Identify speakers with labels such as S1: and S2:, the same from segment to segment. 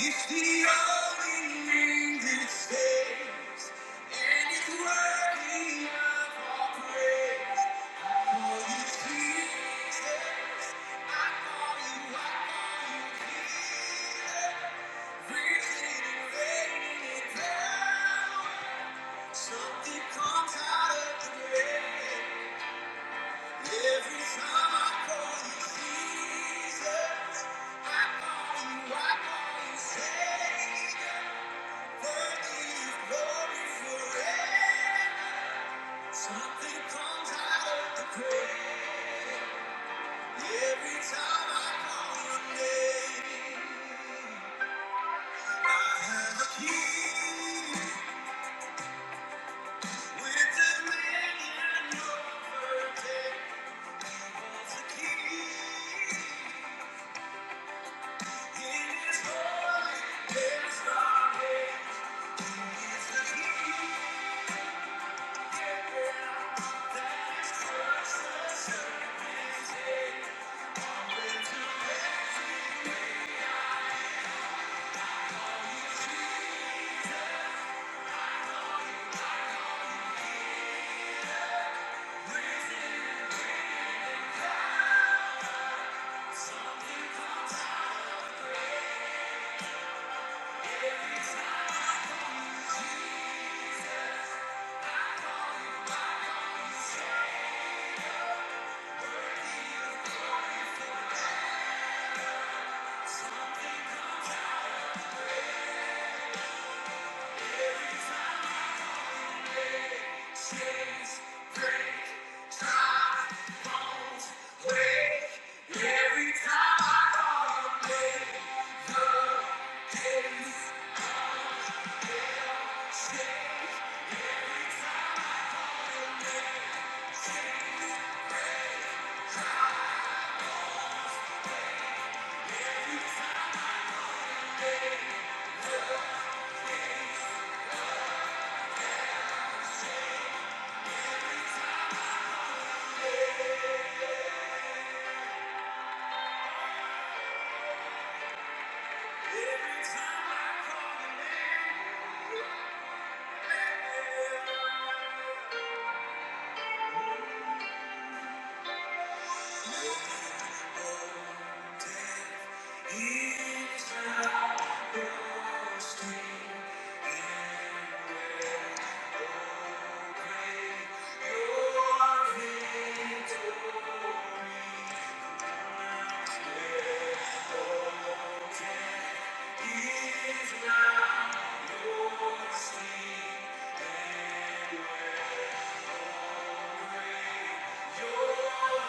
S1: It's the only name that saves, and it's worthy of our praise. For you, Jesus, I call you, I call you Jesus. Something comes out of the grave. Every time I call your name, I have a key. Thank you. Your victory. Is now your sea and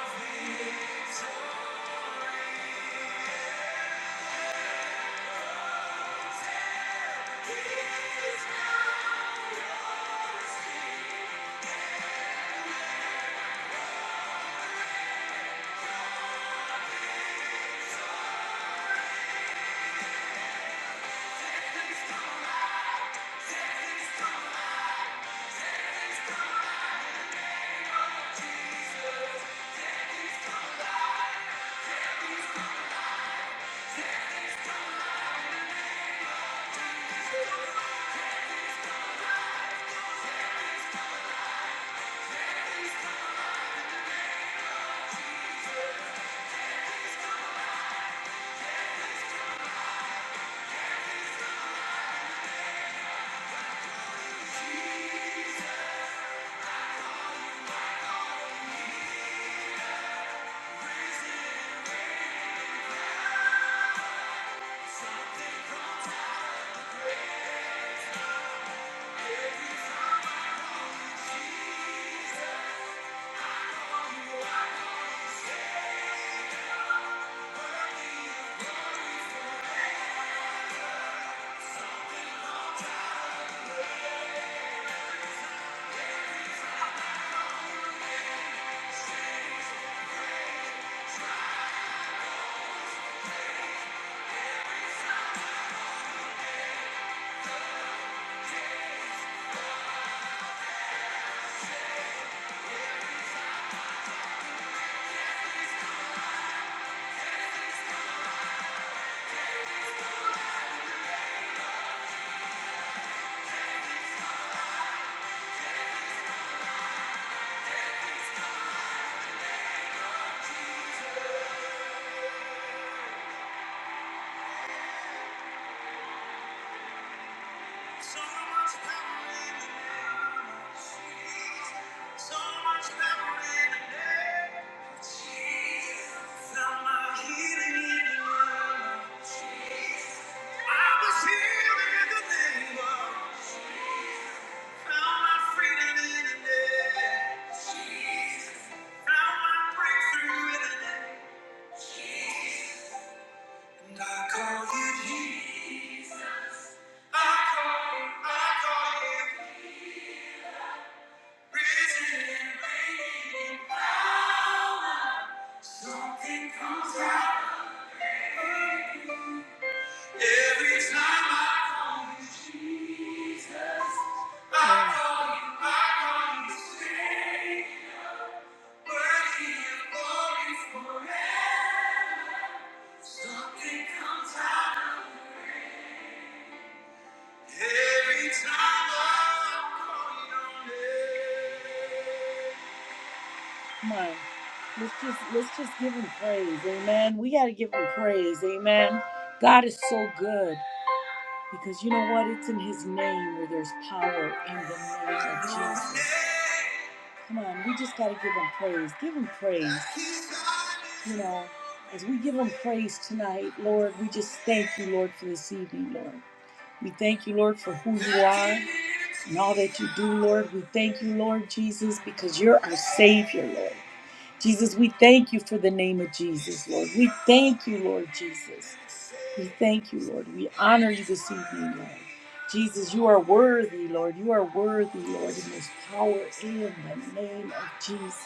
S1: So much power in the name of Jesus. So much power in the name of Jesus. Found my healing in the name of Jesus. I was healed in the name of Jesus. Found my freedom in the name of Jesus. Found my breakthrough in the name of Jesus. And I call you Jesus. I call, you, I call you risen and reigning. power. Something comes out every time I call you Jesus. I call you, I call you Savior, worthy of glory forever. Something comes out. Every time I call your name. Come on. Let's just let's just give him praise. Amen. We gotta give him praise. Amen. God is so good. Because you know what? It's in his name where there's power in the name of Jesus. Come on, we just gotta give him praise. Give him praise. You know, as we give him praise tonight, Lord, we just thank you, Lord, for this evening, Lord. We thank you, Lord, for who you are and all that you do, Lord. We thank you, Lord Jesus, because you're our Savior, Lord. Jesus, we thank you for the name of Jesus, Lord. We thank you, Lord Jesus. We thank you, Lord. We honor you this evening, Lord. Jesus, you are worthy, Lord. You are worthy, Lord, and there's power in the name of Jesus.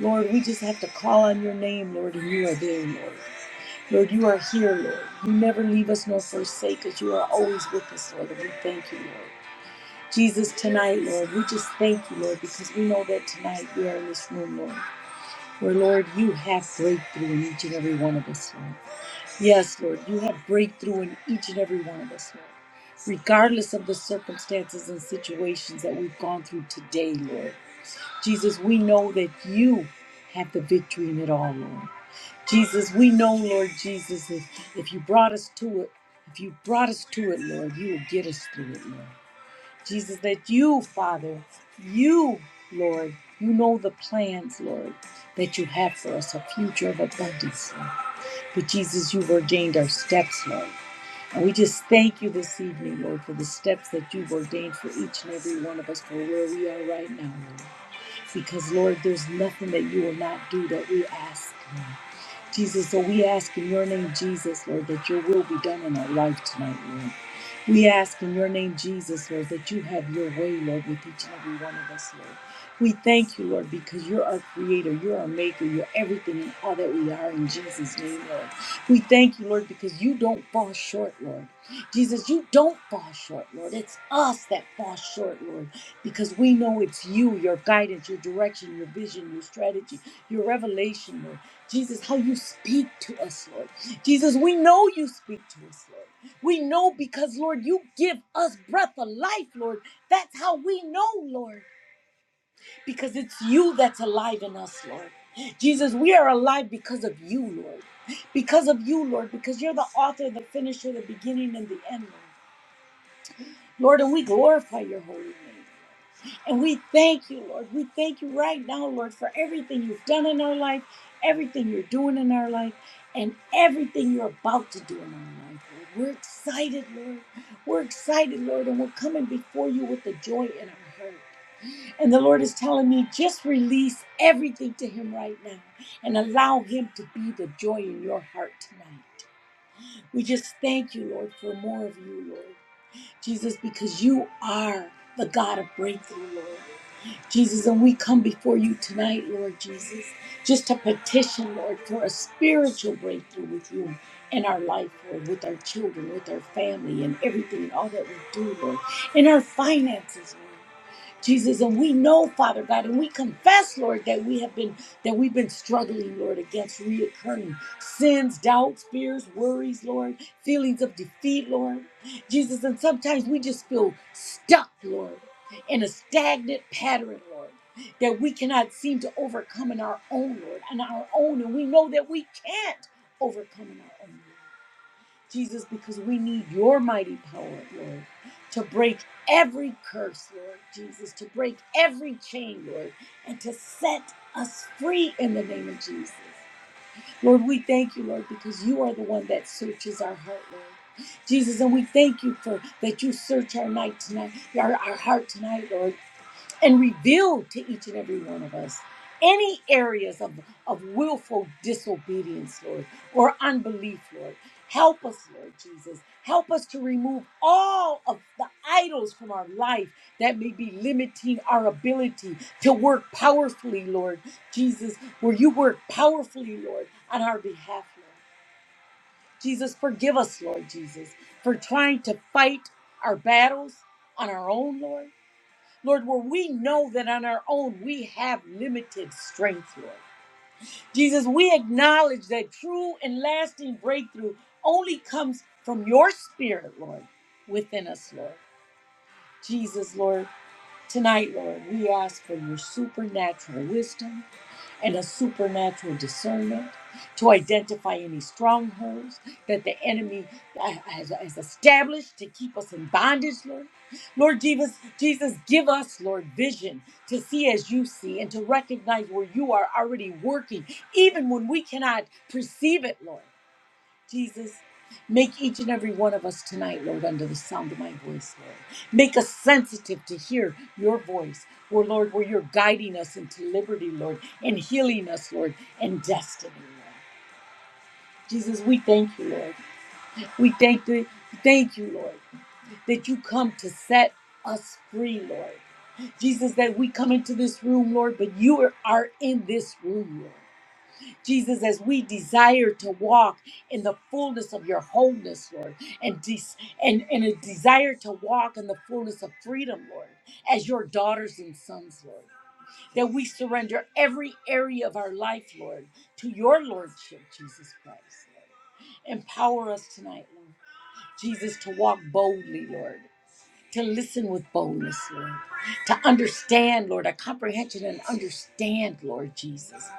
S1: Lord, we just have to call on your name, Lord, and you are there, Lord. Lord, you are here, Lord. You never leave us nor forsake us. You are always with us, Lord, and we thank you, Lord. Jesus, tonight, Lord, we just thank you, Lord, because we know that tonight we are in this room, Lord, where, Lord, you have breakthrough in each and every one of us, Lord. Yes, Lord, you have breakthrough in each and every one of us, Lord, regardless of the circumstances and situations that we've gone through today, Lord. Jesus, we know that you have the victory in it all, Lord. Jesus, we know, Lord Jesus, if, if you brought us to it, if you brought us to it, Lord, you will get us through it, Lord. Jesus, that you, Father, you, Lord, you know the plans, Lord, that you have for us, a future of abundance, Lord. But Jesus, you've ordained our steps, Lord. And we just thank you this evening, Lord, for the steps that you've ordained for each and every one of us for where we are right now, Lord. Because, Lord, there's nothing that you will not do that we ask. Lord. Jesus, so we ask in your name, Jesus, Lord, that your will be done in our life tonight, Lord. We ask in your name, Jesus, Lord, that you have your way, Lord, with each and every one of us, Lord. We thank you, Lord, because you're our creator, you're our maker, you're everything and all that we are in Jesus' name, Lord. We thank you, Lord, because you don't fall short, Lord. Jesus, you don't fall short, Lord. It's us that fall short, Lord, because we know it's you, your guidance, your direction, your vision, your strategy, your revelation, Lord. Jesus, how you speak to us, Lord. Jesus, we know you speak to us, Lord. We know because, Lord, you give us breath of life, Lord. That's how we know, Lord, because it's you that's alive in us, Lord. Jesus, we are alive because of you, Lord. Because of you, Lord, because you're the author, the finisher, the beginning, and the end, Lord. Lord, and we glorify your holy name. And we thank you, Lord. We thank you right now, Lord, for everything you've done in our life, everything you're doing in our life, and everything you're about to do in our life. Lord. We're excited, Lord. We're excited, Lord, and we're coming before you with the joy in our heart. And the Lord is telling me just release everything to Him right now and allow Him to be the joy in your heart tonight. We just thank you, Lord, for more of you, Lord. Jesus, because you are the God of breakthrough, Lord. Jesus, and we come before you tonight, Lord Jesus, just to petition, Lord, for a spiritual breakthrough with you in our life, Lord, with our children, with our family, and everything, all that we do, Lord, in our finances, Lord. Jesus, and we know, Father God, and we confess, Lord, that we have been that we've been struggling, Lord, against reoccurring sins, doubts, fears, worries, Lord, feelings of defeat, Lord. Jesus, and sometimes we just feel stuck, Lord, in a stagnant pattern, Lord, that we cannot seem to overcome in our own, Lord, on our own, and we know that we can't overcome in our own. Jesus, because we need your mighty power, Lord, to break every curse, Lord Jesus, to break every chain, Lord, and to set us free in the name of Jesus. Lord, we thank you, Lord, because you are the one that searches our heart, Lord. Jesus, and we thank you for that you search our night tonight, our, our heart tonight, Lord and reveal to each and every one of us any areas of, of willful disobedience, Lord, or unbelief, Lord. Help us, Lord Jesus. Help us to remove all of the idols from our life that may be limiting our ability to work powerfully, Lord Jesus, where you work powerfully, Lord, on our behalf, Lord. Jesus, forgive us, Lord Jesus, for trying to fight our battles on our own, Lord Lord, where we know that on our own we have limited strength, Lord. Jesus, we acknowledge that true and lasting breakthrough only comes from your spirit, Lord, within us, Lord. Jesus, Lord, tonight, Lord, we ask for your supernatural wisdom and a supernatural discernment to identify any strongholds that the enemy has, has established to keep us in bondage, Lord. Lord Jesus, Jesus, give us, Lord, vision to see as you see and to recognize where you are already working, even when we cannot perceive it, Lord. Jesus, make each and every one of us tonight, Lord, under the sound of my voice, Lord. Make us sensitive to hear your voice, where, Lord, where you're guiding us into liberty, Lord, and healing us, Lord, and destiny, Lord. Jesus, we thank you, Lord. We thank you, thank you, Lord, that you come to set us free, Lord. Jesus, that we come into this room, Lord, but you are are in this room, Lord. Jesus, as we desire to walk in the fullness of your wholeness, Lord, and, des- and, and a desire to walk in the fullness of freedom, Lord, as your daughters and sons, Lord, that we surrender every area of our life, Lord, to your Lordship, Jesus Christ. Lord. Empower us tonight, Lord, Jesus, to walk boldly, Lord to listen with boldness, Lord, to understand, Lord, a comprehension and understand, Lord Jesus,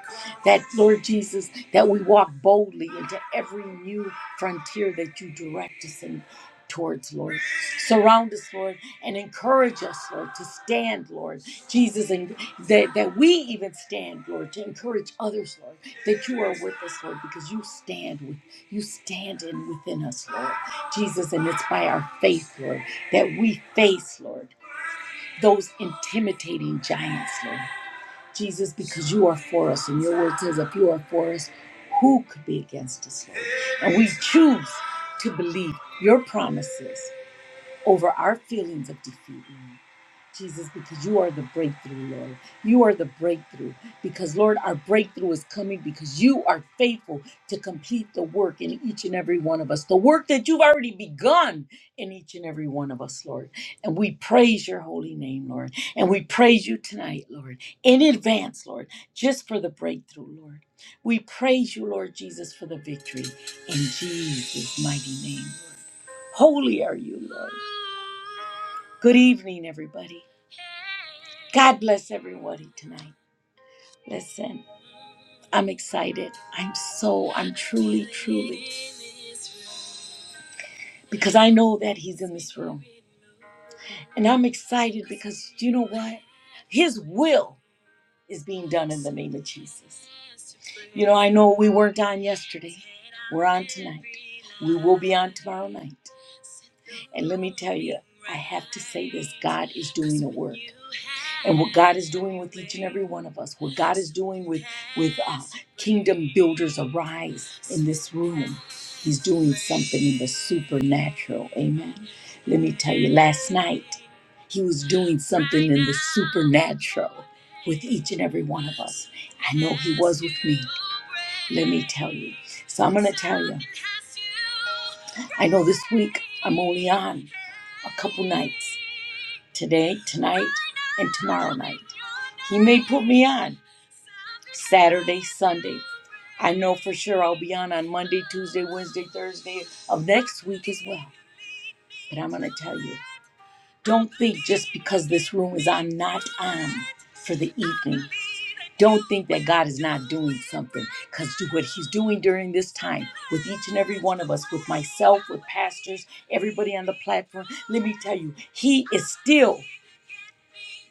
S1: that, Lord Jesus, that we walk boldly into every new frontier that you direct us in, towards, Lord. Surround us, Lord, and encourage us, Lord, to stand, Lord. Jesus, and that, that we even stand, Lord, to encourage others, Lord, that you are with us, Lord, because you stand with you stand in within us, Lord. Jesus, and it's by our faith, Lord, that we face, Lord, those intimidating giants, Lord. Jesus, because you are for us, and your word says, if you are for us, who could be against us, Lord? And we choose to believe your promises over our feelings of defeat, Lord. Jesus, because you are the breakthrough, Lord. You are the breakthrough. Because, Lord, our breakthrough is coming because you are faithful to complete the work in each and every one of us, the work that you've already begun in each and every one of us, Lord. And we praise your holy name, Lord. And we praise you tonight, Lord, in advance, Lord, just for the breakthrough, Lord. We praise you, Lord Jesus, for the victory in Jesus' mighty name. Holy are you, Lord. Good evening, everybody. God bless everybody tonight. Listen, I'm excited. I'm so, I'm truly, truly, because I know that He's in this room. And I'm excited because you know what? His will is being done in the name of Jesus. You know, I know we weren't on yesterday, we're on tonight. We will be on tomorrow night. And let me tell you, I have to say this God is doing a work. and what God is doing with each and every one of us, what God is doing with with uh, kingdom builders arise in this room. He's doing something in the supernatural. Amen. Let me tell you, last night he was doing something in the supernatural with each and every one of us. I know he was with me. Let me tell you. So I'm going to tell you. I know this week I'm only on a couple nights. Today, tonight, and tomorrow night. He may put me on. Saturday, Sunday. I know for sure I'll be on on Monday, Tuesday, Wednesday, Thursday of next week as well. But I'm going to tell you don't think just because this room is on, not on for the evening. Don't think that God is not doing something because what He's doing during this time with each and every one of us, with myself, with pastors, everybody on the platform, let me tell you, He is still.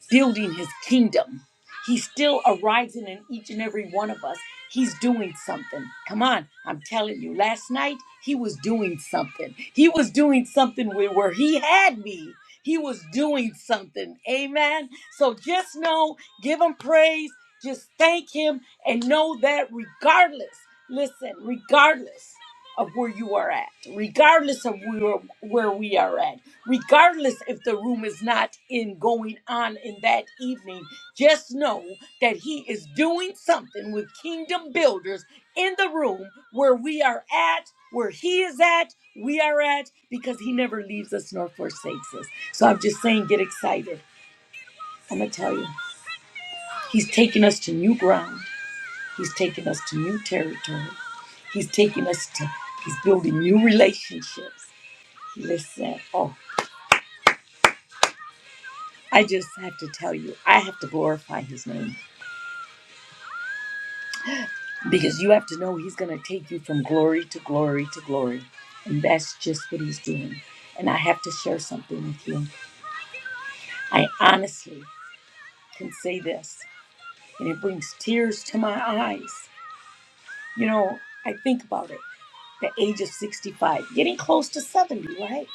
S1: building his kingdom. He's still arising in each and every one of us. He's doing something. Come on, I'm telling you. Last night, he was doing something. He was doing something where, where he had me. He was doing something. Amen. So just know, give him praise, just thank him, and know that regardless, listen, regardless of where you are at, regardless of where, where we are at regardless if the room is not in going on in that evening just know that he is doing something with kingdom builders in the room where we are at where he is at we are at because he never leaves us nor forsakes us so i'm just saying get excited i'm gonna tell you he's taking us to new ground he's taking us to new territory he's taking us to he's building new relationships listen oh. I just have to tell you, I have to glorify his name because you have to know he's going to take you from glory to glory to glory. And that's just what he's doing. And I have to share something with you. I honestly can say this, and it brings tears to my eyes. You know, I think about it the age of 65, getting close to 70, right?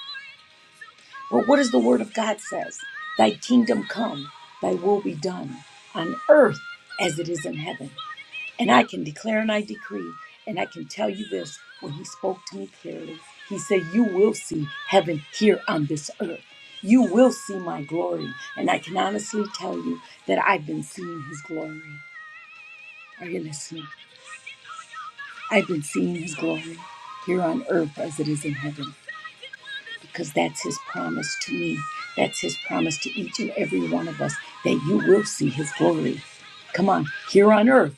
S1: But what does the word of God says? Thy kingdom come, thy will be done on earth as it is in heaven. And I can declare and I decree, and I can tell you this when he spoke to me clearly. He said, You will see heaven here on this earth. You will see my glory. And I can honestly tell you that I've been seeing his glory. Are you listening? I've been seeing his glory here on earth as it is in heaven. because that's his promise to me. That's his promise to each and every one of us that you will see his glory. Come on, here on earth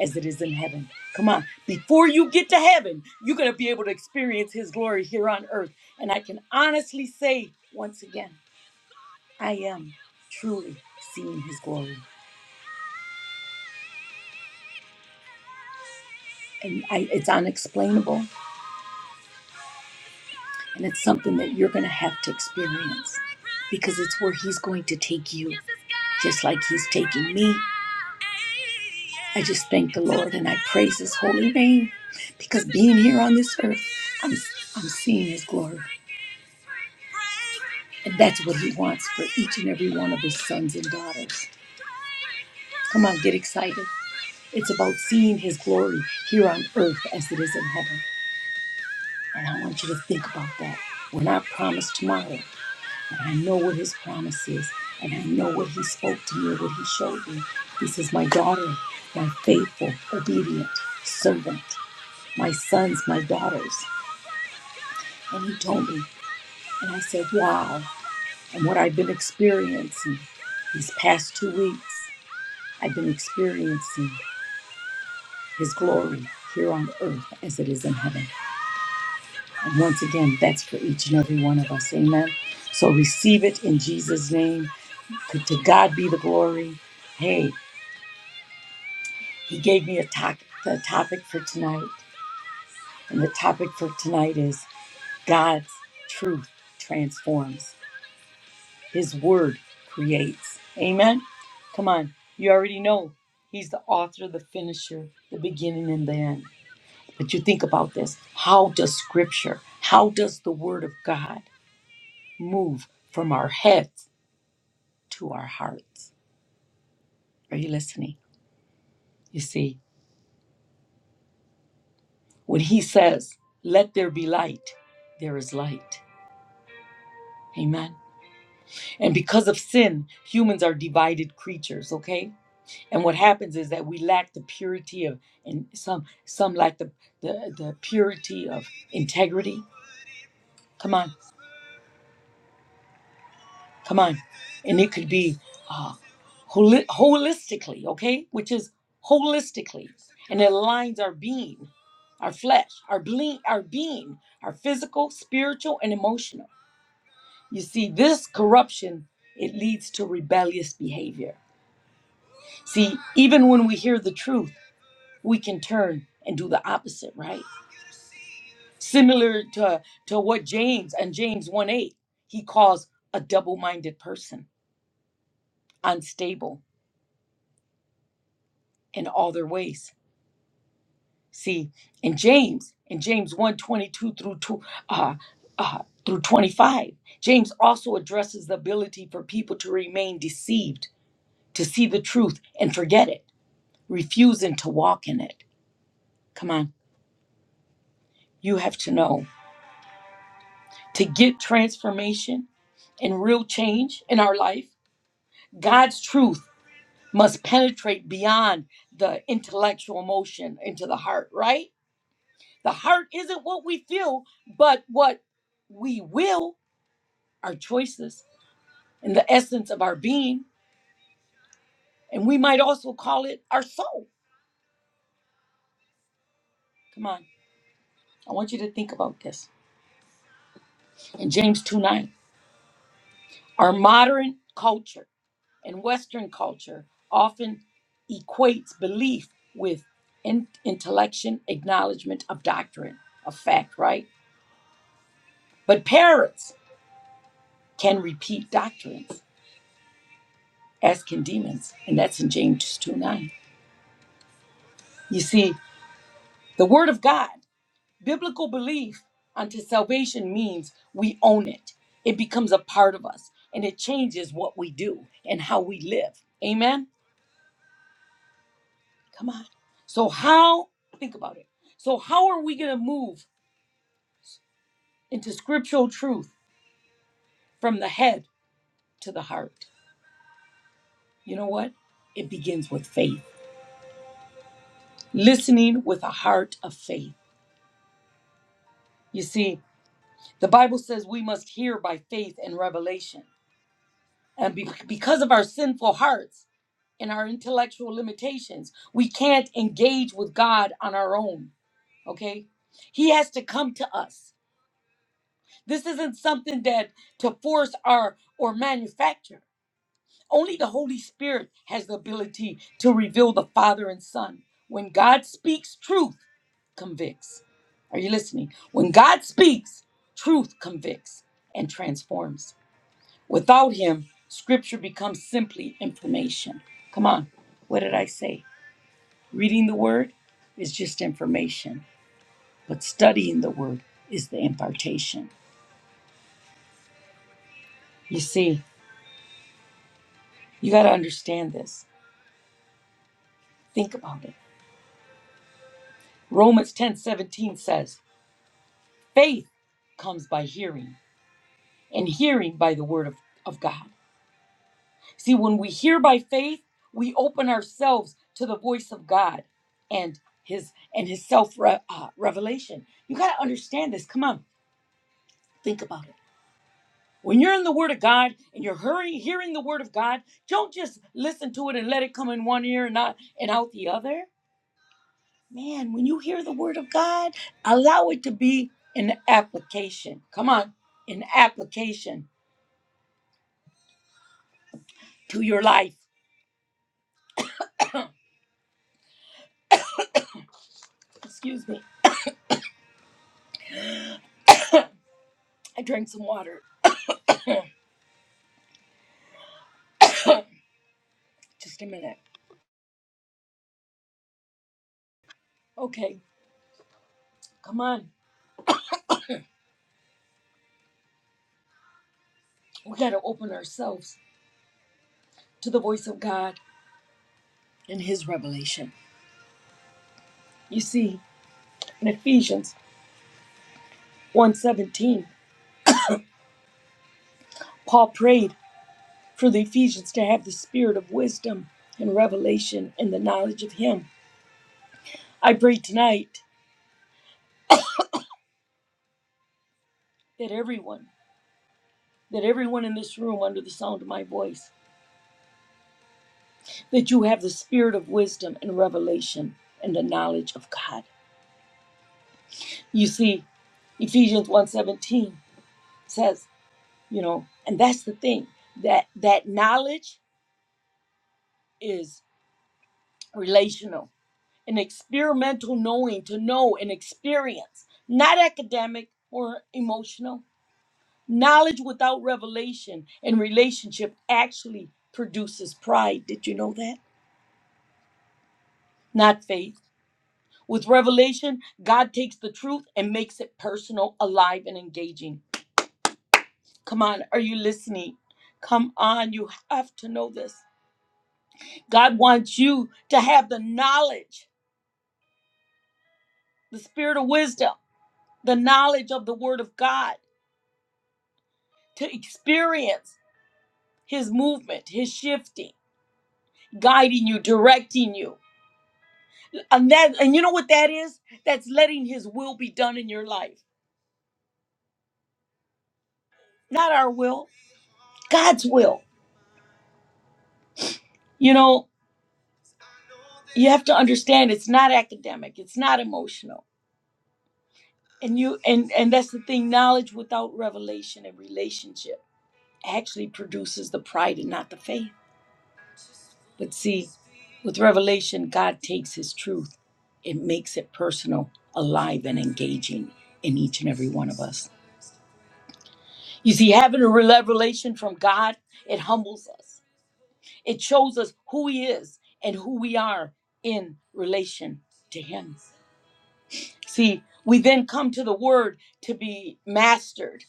S1: as it is in heaven. Come on, before you get to heaven, you're going to be able to experience his glory here on earth. And I can honestly say once again, I am truly seeing his glory. And I, it's unexplainable, and it's something that you're going to have to experience because it's where he's going to take you, just like he's taking me I just thank the Lord and I praise His holy name because being here on this earth, I'm, I'm seeing His glory. And that's what He wants for each and every one of His sons and daughters. Come on, get excited. It's about seeing His glory here on earth as it is in heaven. And I want you to think about that. We're not promised tomorrow, but I know what His promise is. And I know what He spoke to me, what He showed me. He says, My daughter, my faithful, obedient servant, my sons, my daughters. And he told me, and I said, wow. And what I've been experiencing these past two weeks, I've been experiencing his glory here on earth as it is in heaven. And once again, that's for each and every one of us. Amen. So receive it in Jesus' name. To to God be the glory. Hey, he gave me a, to- the topic for tonight. And the topic for tonight is God's truth transforms. His word creates. Amen. Come on. You already know He's the author, the finisher, the beginning, and the end. But you think about this. How does Scripture, how does the Word of God move from our heads to our hearts? Are you listening? You see, when He says, Let there be light, there is light. Amen. And because of sin, humans are divided creatures, okay? And what happens is that we lack the purity of, and some some lack the the, the purity of integrity. Come on, come on, and it could be uh, holi- holistically, okay, which is holistically, and it aligns our being, our flesh, our ble- our being, our physical, spiritual, and emotional. You see, this corruption it leads to rebellious behavior. See, even when we hear the truth, we can turn and do the opposite, right? Similar to, to what James and James 1 8, he calls a double minded person, unstable in all their ways. See, in James, in James one twenty two through, two, uh, uh, through 25, James also addresses the ability for people to remain deceived, to see the truth and forget it, refusing to walk in it. Come on, you have to know. To get transformation and real change in our life, God's truth must penetrate beyond the intellectual emotion into the heart, right? The heart isn't what we feel, but what we will, our choices, and the essence of our being. And we might also call it our soul. Come on. I want you to think about this. In James 2 9, our modern culture and Western culture often equates belief with in- intellection, acknowledgement of doctrine, of fact, right? But parents can repeat doctrines, as can demons. And that's in James 2 9. You see, the Word of God, biblical belief unto salvation means we own it, it becomes a part of us, and it changes what we do and how we live. Amen? Come on. So, how, think about it. So, how are we going to move into scriptural truth from the head to the heart? You know what? It begins with faith, listening with a heart of faith. You see, The Bible says we must hear by faith and revelation. And be- because of our sinful hearts and our intellectual limitations, we can't engage with God on our own. Okay? He has to come to us. This isn't something that to force our or manufacture. Only the Holy Spirit has the ability to reveal the Father and Son. When God speaks, truth convicts. Are you listening? When God speaks, truth convicts and transforms. Without him, scripture becomes simply information. Come on, what did I say? Reading the word is just information, but studying the word is the impartation. You see, you got to understand this. Think about it. Romans 10:17 says, faith comes by hearing, and hearing by the word of, of God. See, when we hear by faith, we open ourselves to the voice of God and his and his self re- uh, revelation. You got to understand this. Come on, think about it. When you're in the Word of God and you're hurry, hearing the Word of God, don't just listen to it and let it come in one ear and not and out the other. Man, when you hear the Word of God, allow it to be an application. Come on, an application to your life. Excuse me, I drank some water. Just a minute. Okay, Come on, we got to open ourselves to the voice of God and His revelation. You see, in Ephesians 1:17, Paul prayed for the Ephesians to have the spirit of wisdom and revelation and the knowledge of Him. I pray tonight that everyone, that everyone in this room under the sound of my voice, that you have the spirit of wisdom and revelation and the knowledge of God. You see, Ephesians 1:17 says you know and that's the thing that that knowledge is relational an experimental knowing to know and experience not academic or emotional knowledge without revelation and relationship actually produces pride did you know that not faith with revelation god takes the truth and makes it personal alive and engaging come on are you listening come on you have to know this god wants you to have the knowledge the spirit of wisdom, the knowledge of the word of God, to experience his movement, his shifting, guiding you, directing you. And that and you know what that is? That's letting his will be done in your life. Not our will, God's will. You know, you have to understand it's not academic, it's not emotional. And you and and that's the thing, knowledge without revelation and relationship actually produces the pride and not the faith. But see, with revelation, God takes his truth and makes it personal, alive, and engaging in each and every one of us. You see, having a revelation from God, it humbles us, it shows us who he is and who we are in relation to him. See, we then come to the word to be mastered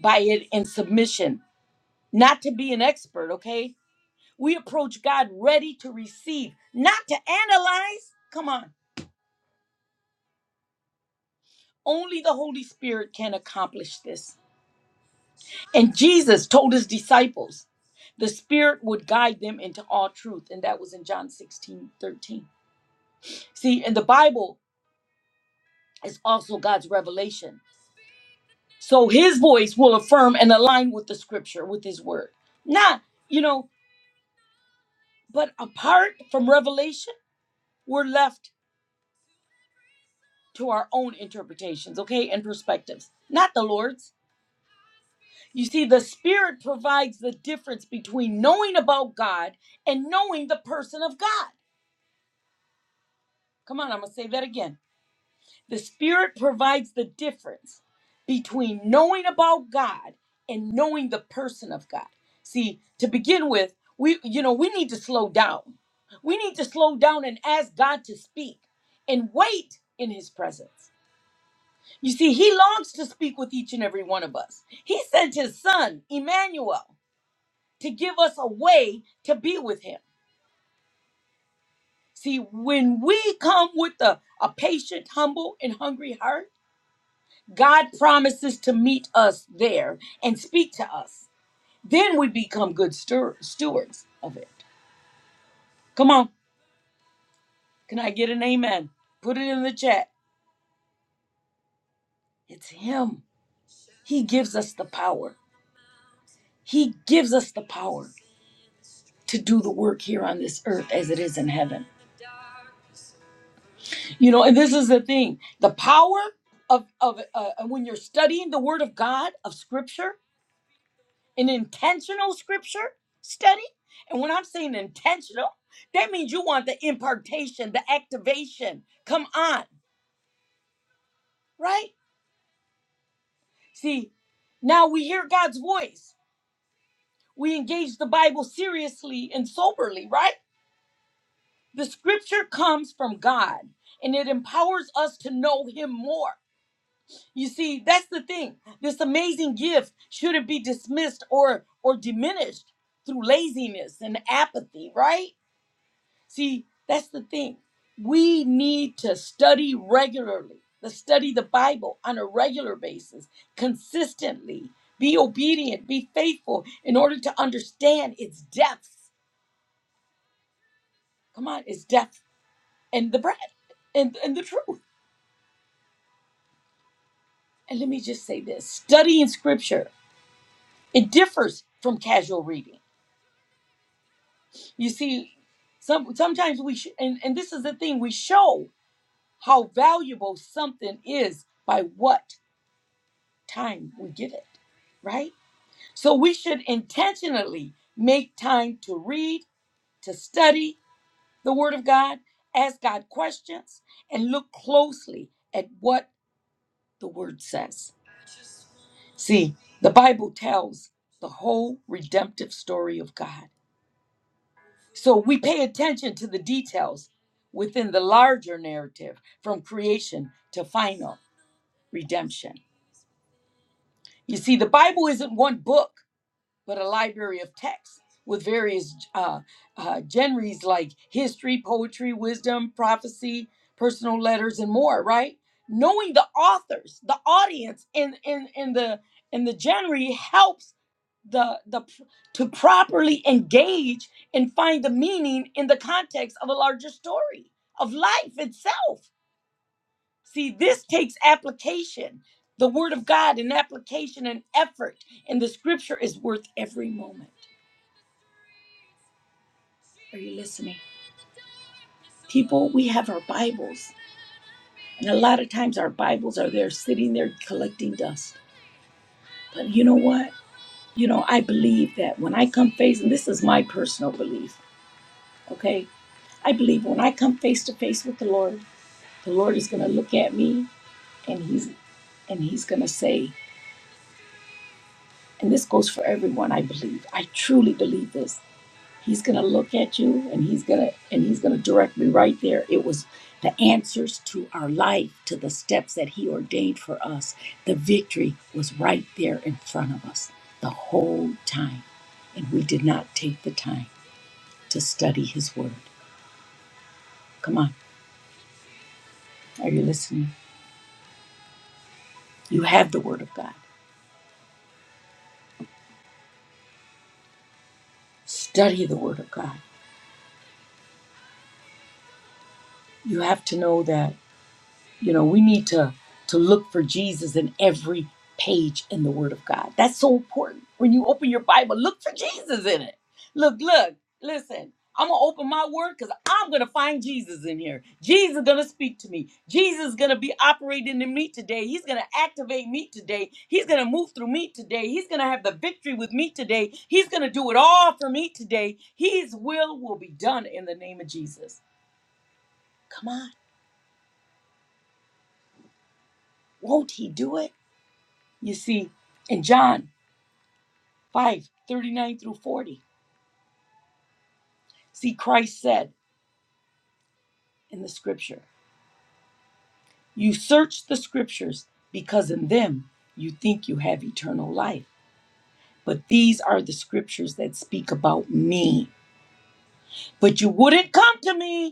S1: by it in submission, not to be an expert, okay? We approach God ready to receive, not to analyze. Come on Only the Holy Spirit can accomplish this. And Jesus told his disciples the Spirit would guide them into all truth. And that was in John 16 13. See, and the Bible is also God's revelation. So his voice will affirm and align with the scripture, with his word. Not, you know, but apart from revelation, we're left to our own interpretations, okay, and perspectives, not the Lord's. You see, the Spirit provides the difference between knowing about God and knowing the person of God. Come on, I'm going to say that again. The Spirit provides the difference between knowing about God and knowing the person of God. See, to begin with, we you know, we need to slow down. We need to slow down and ask God to speak and wait in his presence. You see, he longs to speak with each and every one of us. He sent his son, Emmanuel. to give us a way to be with him. See, when we come with a, a patient, humble, and hungry heart, God promises to meet us there and speak to us. Then we become good stew- stewards of it. Come on, can I get an amen? Put it in the chat. It's Him. He gives us the power. He gives us the power to do the work here on this earth as it is in heaven. You know, and this is the thing: the power of of uh, when you're studying the Word of God of Scripture, an intentional Scripture study. And when I'm saying intentional, that means you want the impartation, the activation. Come on, right? See, now we hear God's voice. We engage the Bible seriously and soberly, right? The Scripture comes from God, and it empowers us to know Him more. You see, that's the thing. This amazing gift shouldn't be dismissed or or diminished through laziness and apathy, right? See, that's the thing. We need to study regularly. To study the Bible on a regular basis, consistently. Be obedient, be faithful in order to understand its depths. Come on, its depth and the breadth and, and the truth. And let me just say this studying scripture, it differs from casual reading You see, some sometimes we sh- and and this is the thing we show how valuable something is by what time we give it, right? So we should intentionally make time to read, to study the Word of God, ask God questions, and look closely at what the Word says. See, the Bible tells the whole redemptive story of God. So we pay attention to the details within the larger narrative from creation to final redemption. You see, the Bible isn't one book, but a library of texts with various uh, uh, genres like history, poetry, wisdom, prophecy, personal letters, and more. Right? Knowing the authors, the audience, and and and the and the genre helps the the to properly engage and find the meaning in the context of a larger story of life itself see this takes application the word of god and application and effort and the scripture is worth every moment are you listening people we have our bibles and a lot of times our bibles are there sitting there collecting dust but you know what you know i believe that when i come face and this is my personal belief okay I believe when I come face to face with the Lord, the Lord is going to look at me and he's and he's going to say, and this goes for everyone, I believe. I truly believe this. He's going to look at you and he's going to and he's going to direct me right there. It was the answers to our life, to the steps that he ordained for us. The victory was right there in front of us the whole time, and we did not take the time to study his word. Come on. Are you listening? You have the word of God. study the word of god you have to know that you know we need to to look for jesus in every page in the word of god that's so important when you open your bible look for jesus in it look look listen i'm gonna open my word because i'm gonna find jesus in here jesus is gonna speak to me jesus is gonna be operating in me today he's gonna activate me today he's gonna move through me today he's gonna have the victory with me today he's gonna do it all for me today his will will be done in the name of jesus Come on, won't he do it? You see, in John 5 39 through 40, see, Christ said in the scripture, You search the scriptures because in them you think you have eternal life. But these are the scriptures that speak about me. But you wouldn't come to me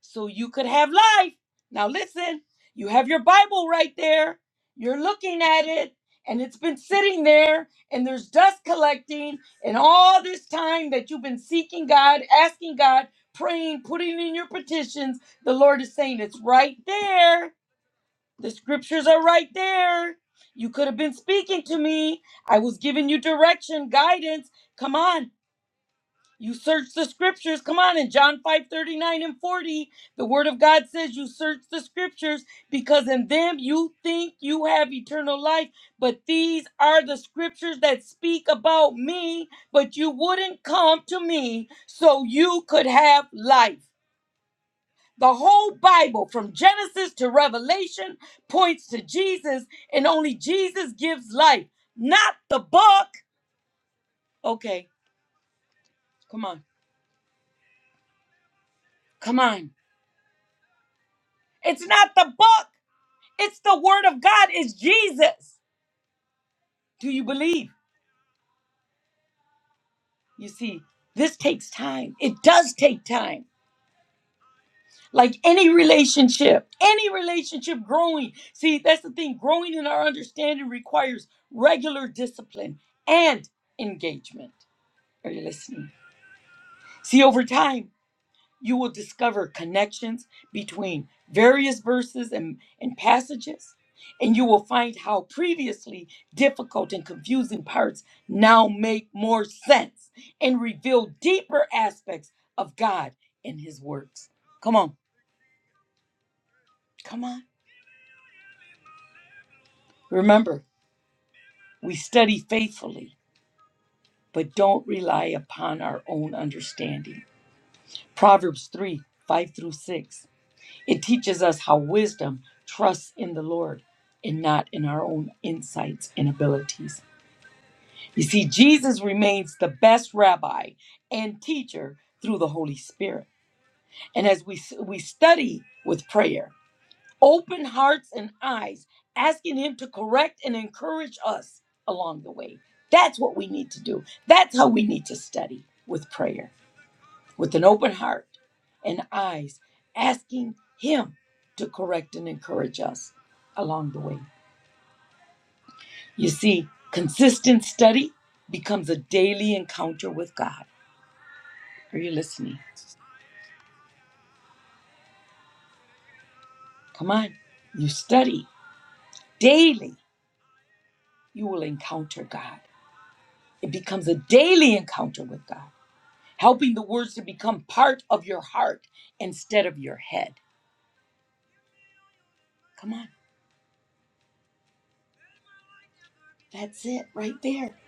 S1: so you could have life. Now, listen, you have your Bible right there. You're looking at it, and it's been sitting there, and there's dust collecting. And all this time that you've been seeking God, asking God, praying, putting in your petitions, the Lord is saying, It's right there. The scriptures are right there. You could have been speaking to me. I was giving you direction, guidance. Come on, you search the scriptures. Come on, in John 5 39 and 40, the word of God says you search the scriptures because in them you think you have eternal life. But these are the scriptures that speak about me, but you wouldn't come to me so you could have life. The whole Bible, from Genesis to Revelation, points to Jesus, and only Jesus gives life, not the book. Okay, come on, come on. It's not the book. It's the word of God, it's Jesus. Do you believe? You see, this takes time. It does take time. Like any relationship, any relationship growing. See, that's the thing. Growing in our understanding requires regular discipline and engagement. Are you listening? See, over time, you will discover connections between various verses and, and passages, and you will find how previously difficult and confusing parts now make more sense and reveal deeper aspects of God and His works. Come on, come on. Remember, we study faithfully, but don't rely upon our own understanding. Proverbs 3 5 through 6. It teaches us how wisdom trusts in the Lord and not in our own insights and abilities. You see, Jesus remains the best rabbi and teacher through the Holy Spirit. And as we, we study with prayer, open hearts and eyes, asking Him to correct and encourage us along the way. That's what we need to do. That's how we need to study with prayer with an open heart and eyes, asking Him to correct and encourage us along the way. You see, consistent study becomes a daily encounter with God. Are you listening? Come on. You study daily, you will encounter God. It becomes a daily encounter with God, helping the words to become part of your heart instead of your head. Come on. That's it right there.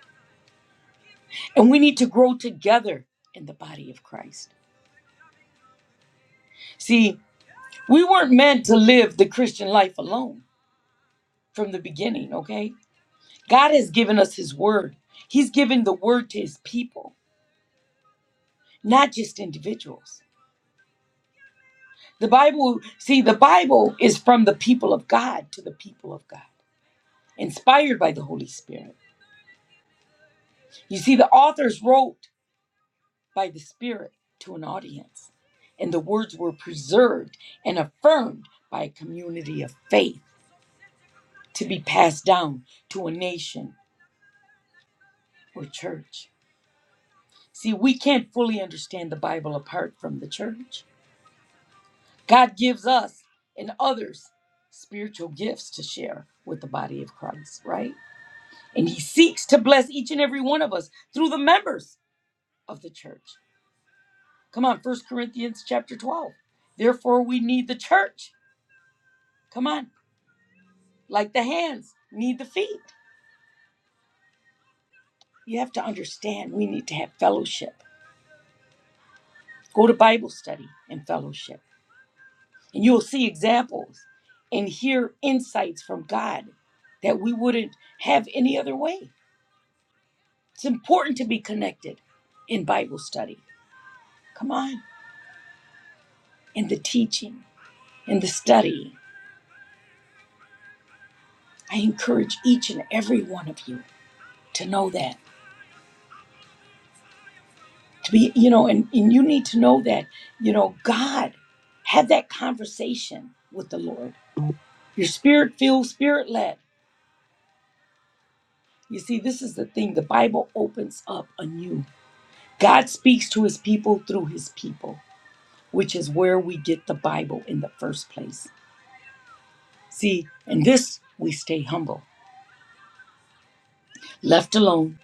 S1: And we need to grow together in the body of Christ. See, we weren't meant to live the Christian life alone from the beginning, okay? God has given us His word. He's given the word to His people, not just individuals. The Bible, see, the Bible is from the people of God to the people of God, inspired by the Holy Spirit. You see, the authors wrote by the Spirit to an audience, and the words were preserved and affirmed by a community of faith to be passed down to a nation or church. See, we can't fully understand the Bible apart from the church. God gives us and others spiritual gifts to share with the body of Christ, right? And he seeks to bless each and every one of us through the members of the church. Come on, First Corinthians chapter 12. Therefore, we need the church. Come on, like the hands need the feet. You have to understand we need to have fellowship. Go to Bible study and fellowship And You'll see examples and hear insights from God that we wouldn't have any other way. It's important to be connected in Bible study. Come on, in the teaching, in the study. I encourage each and every one of you to know that. To be, you know, and, and you need to know that, you know, God, have that conversation with the Lord. Your spirit filled, spirit led. You see, this is the thing. The Bible opens up anew God speaks to his people through his people, which is where we get the Bible in the first place. See, in this, we stay humble. Left alone,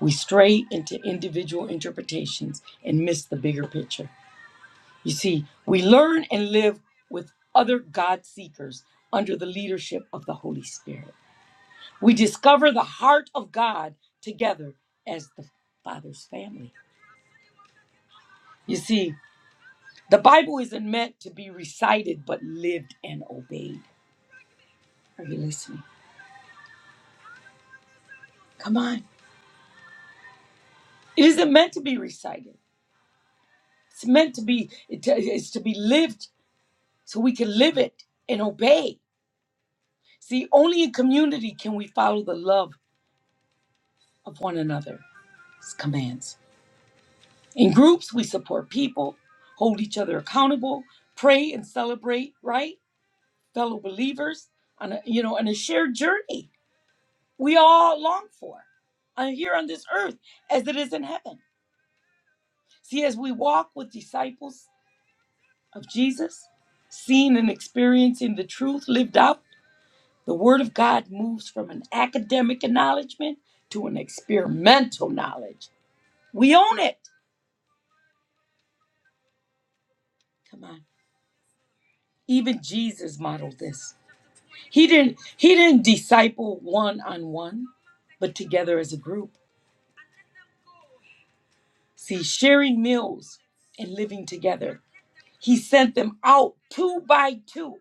S1: we stray into individual interpretations and miss the bigger picture. You see, we learn and live with other God seekers under the leadership of the Holy Spirit. We discover the heart of God together as the Father's family. You see, the Bible isn't meant to be recited, but lived and obeyed. Are you listening? Come on. It isn't meant to be recited. It's meant to be, it- it's to be lived so we can live it and obey. See, only in community can we follow the love of one another's commands. In groups, we support people, hold each other accountable, pray and celebrate, right? Fellow believers on a, you know, on a shared journey we all long for uh, here on this earth as it is in heaven. See, as we walk with disciples of Jesus, seeing and experiencing the truth lived out, the Word of God moves from an academic acknowledgement to an experimental knowledge. We own it. Come on. Even Jesus modeled this. He didn't he didn't disciple one on one, but together as a group. See, sharing meals and living together. He sent them out two by two.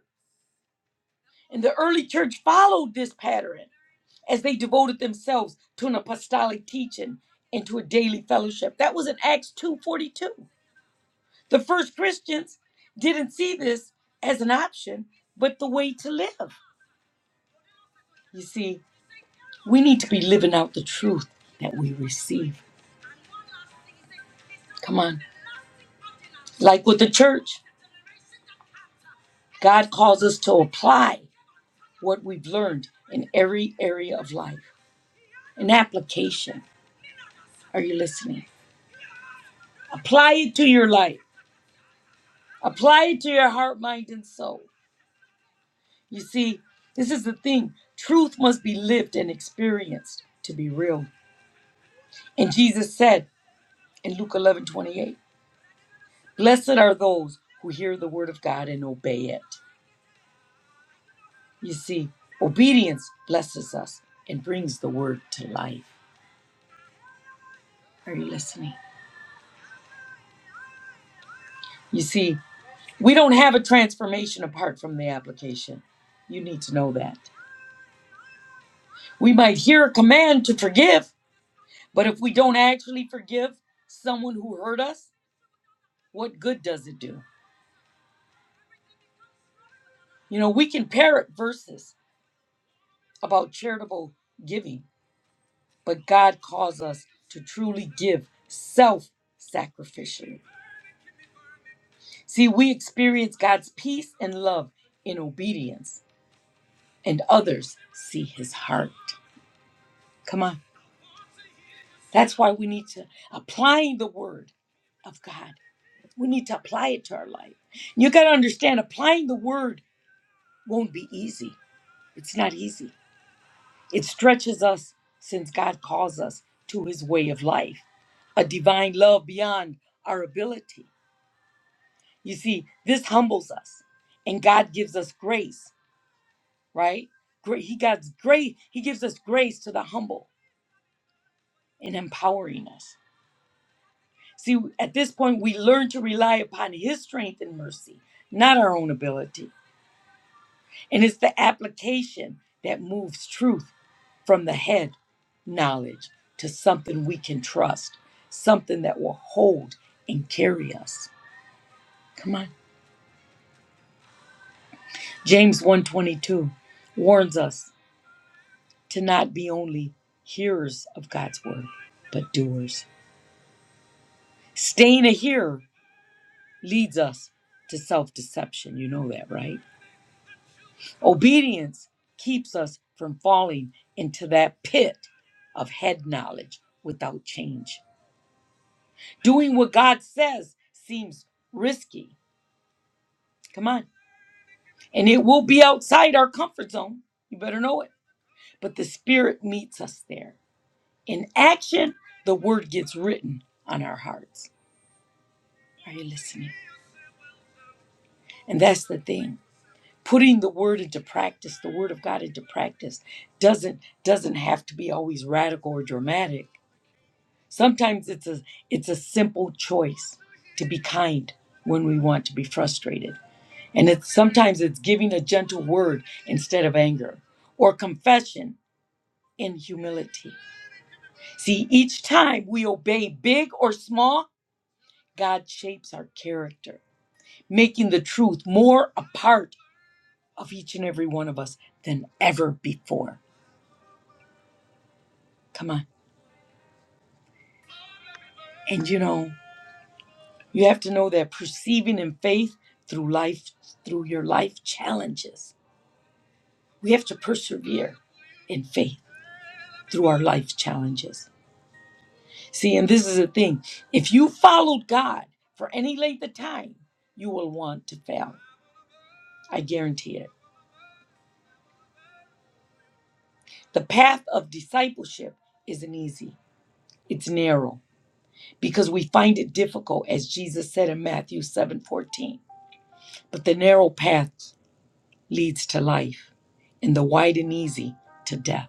S1: And the early church followed this pattern. as they devoted themselves to an apostolic teaching and to a daily fellowship. That was in Acts 2:42. The first Christians didn't see this as an option, but the way to live. You see, we need to be living out the truth that we receive. Come on. Like with the church, God calls us to apply what we've learned in every area of life. An application. Are you listening? Apply it to your life. Apply it to your heart, mind, and soul. You see, this is the thing. Truth must be lived and experienced to be real. And Jesus said in Luke 11 28, Blessed are those who hear the word of God and obey it. You see, obedience blesses us and brings the word to life. Are you listening? You see, we don't have a transformation apart from the application. You need to know that. We might hear a command to forgive, but if we don't actually forgive someone who hurt us, what good does it do? You know, we can parrot verses about charitable giving, but God calls us to truly give self sacrificially. See, we experience God's peace and love in obedience, and others see his heart. Come on. That's why we need to applying the word of God. We need to apply it to our life. You got to understand applying the word won't be easy. It's not easy. It stretches us since God calls us to his way of life, a divine love beyond our ability. You see, this humbles us and God gives us grace, right? Gra- He God's grace, he gives us grace to the humble and empowering us. See, at this point we learn to rely upon his strength and mercy, not our own ability. And it's the application that moves truth from the head knowledge to something we can trust, something that will hold and carry us. Come on. James 122 warns us to not be only hearers of God's word, but doers. Staying a hearer leads us to self-deception. You know that, right? Obedience keeps us from falling into that pit of head knowledge without change. Doing what God says seems risky. Come on. And it will be outside our comfort zone. You better know it. But the Spirit meets us there. In action, the Word gets written on our hearts. Are you listening? And that's the thing. Putting the word into practice, the word of God into practice, doesn't doesn't have to be always radical or dramatic. Sometimes it's a it's a simple choice to be kind when we want to be frustrated And it's sometimes it's giving a gentle word instead of anger or confession in humility. See, each time we obey big or small, God shapes our character, making the truth more a part of each and every one of us than ever before. Come on. And you know, you have to know that perceiving in faith through life, through your life challenges, we have to persevere in faith through our life challenges. See, and this is the thing if you followed God for any length of time, you will want to fail. I guarantee it. The path of discipleship isn't easy, it's narrow because we find it difficult, as Jesus said in Matthew seven fourteen. But the narrow path leads to life, and the wide and easy to death.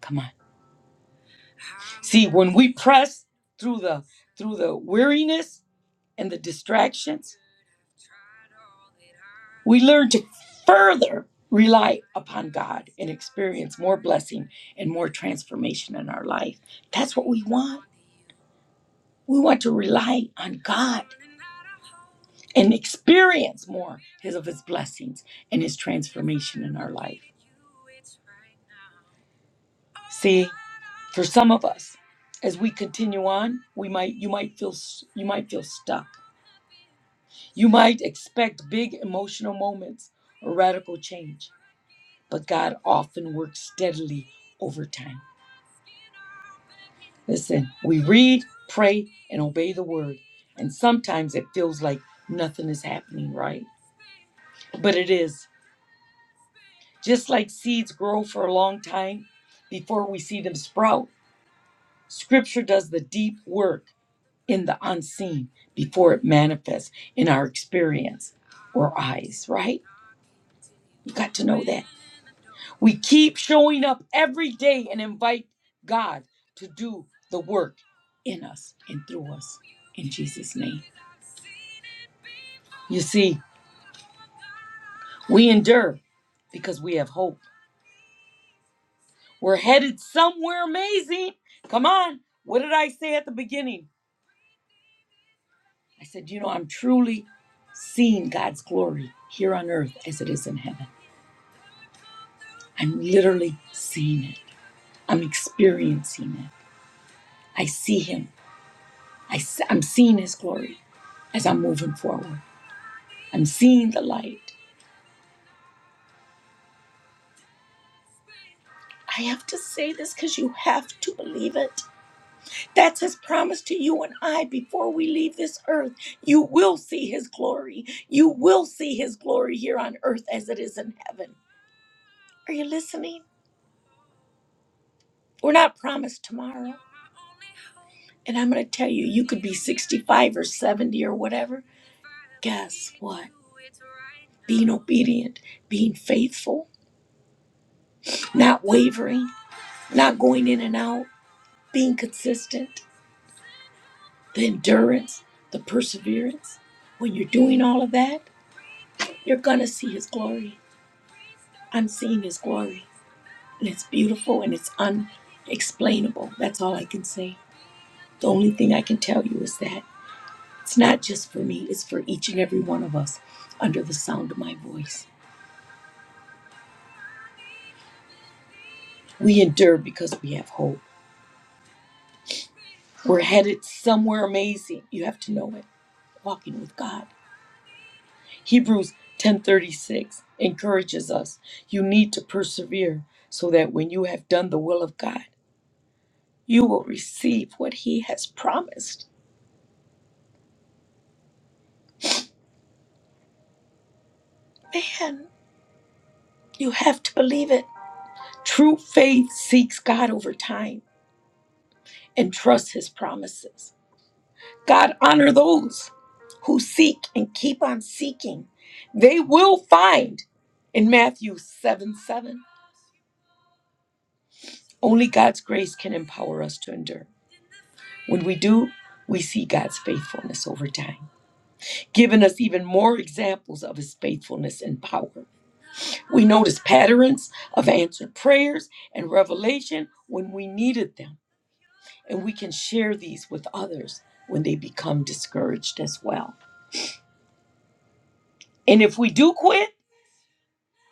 S1: Come on. See, when we press through the through the weariness and the distractions, We learn to further rely upon God and experience more blessing and more transformation in our life. That's what we want. We want to rely on God and experience more his, of his blessings and his transformation in our life. See, for some of us, as we continue on, we might you might feel s- you might feel stuck. You might expect big emotional moments or radical change, but God often works steadily over time. Listen, we read, pray, and obey the word. And sometimes it feels like nothing is happening, right? But it is. Just like seeds grow for a long time before we see them sprout, scripture does the deep work in the unseen before it manifests in our experience or eyes, right? You got to know that. We keep showing up every day and invite God to do the work in us and through us in Jesus' name. You see, We endure because we have hope. We're headed somewhere amazing. Come on. What did I say at the beginning? I said, you know, I'm truly seeing God's glory here on earth as it is in heaven. I'm literally seeing it. I'm experiencing it. I see Him. I, am seeing His glory as I'm moving forward. I'm seeing the light. I have to say this because you have to believe it. That's his promise to you and I before we leave this earth. You will see his glory. You will see his glory here on earth as it is in heaven. Are you listening? We're not promised tomorrow. And I'm going to tell you, you could be 65 or 70 or whatever. Guess what? Being obedient, being faithful, not wavering, not going in and out, being consistent, the endurance, the perseverance. When you're doing all of that, you're going to see his glory. I'm seeing His glory. And it's beautiful and it's unexplainable. That's all I can say. The only thing I can tell you is that it's not just for me, it's for each and every one of us under the sound of my voice. We endure because we have hope. We're headed somewhere amazing. You have to know it. Walking with God. Hebrews 10:36 encourages us. You need to persevere so that when you have done the will of God, you will receive what he has promised. Man, You have to believe it. True faith seeks God over time and trusts his promises. God honor those who seek and keep on seeking. They will find in Matthew 7 7. Only God's grace can empower us to endure. When we do, we see God's faithfulness over time, giving us even more examples of his faithfulness and power. We notice patterns of answered prayers and revelation when we needed them and we can share these with others when they become discouraged as well. And if we do quit,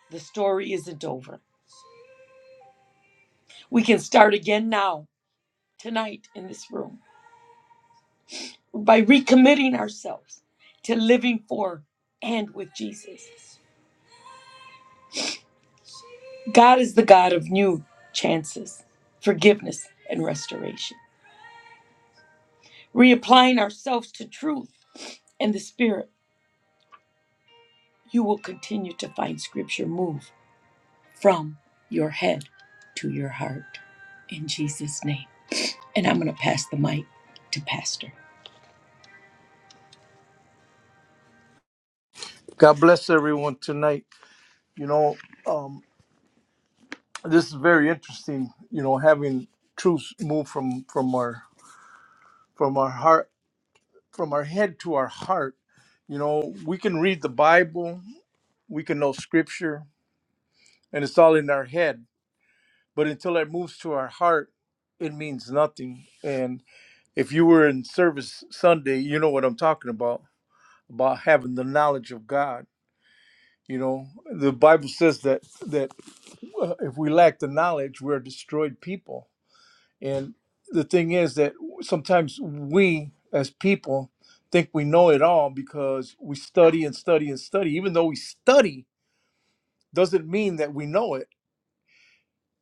S1: the story isn't over. We can start again now, tonight, in this room, by recommitting ourselves to living for and with Jesus. God is the God of new chances, forgiveness, and restoration. Reapplying ourselves to truth and the Spirit, you will continue to find Scripture move from your head to your heart in Jesus' name. And I'm going to pass the mic to Pastor.
S2: God bless everyone tonight. You know, um, this is very interesting. You know, having truth move from from our from our heart from our head to our heart. You know, we can read the Bible, we can know Scripture, and it's all in our head. But until it moves to our heart, it means nothing. And if you were in service Sunday, you know what I'm talking about about having the knowledge of God. You know, the Bible says that that well, if we lack the knowledge, we're destroyed people. And the thing is that sometimes we as people think we know it all because we study and study and study. Even though we study, doesn't mean that we know it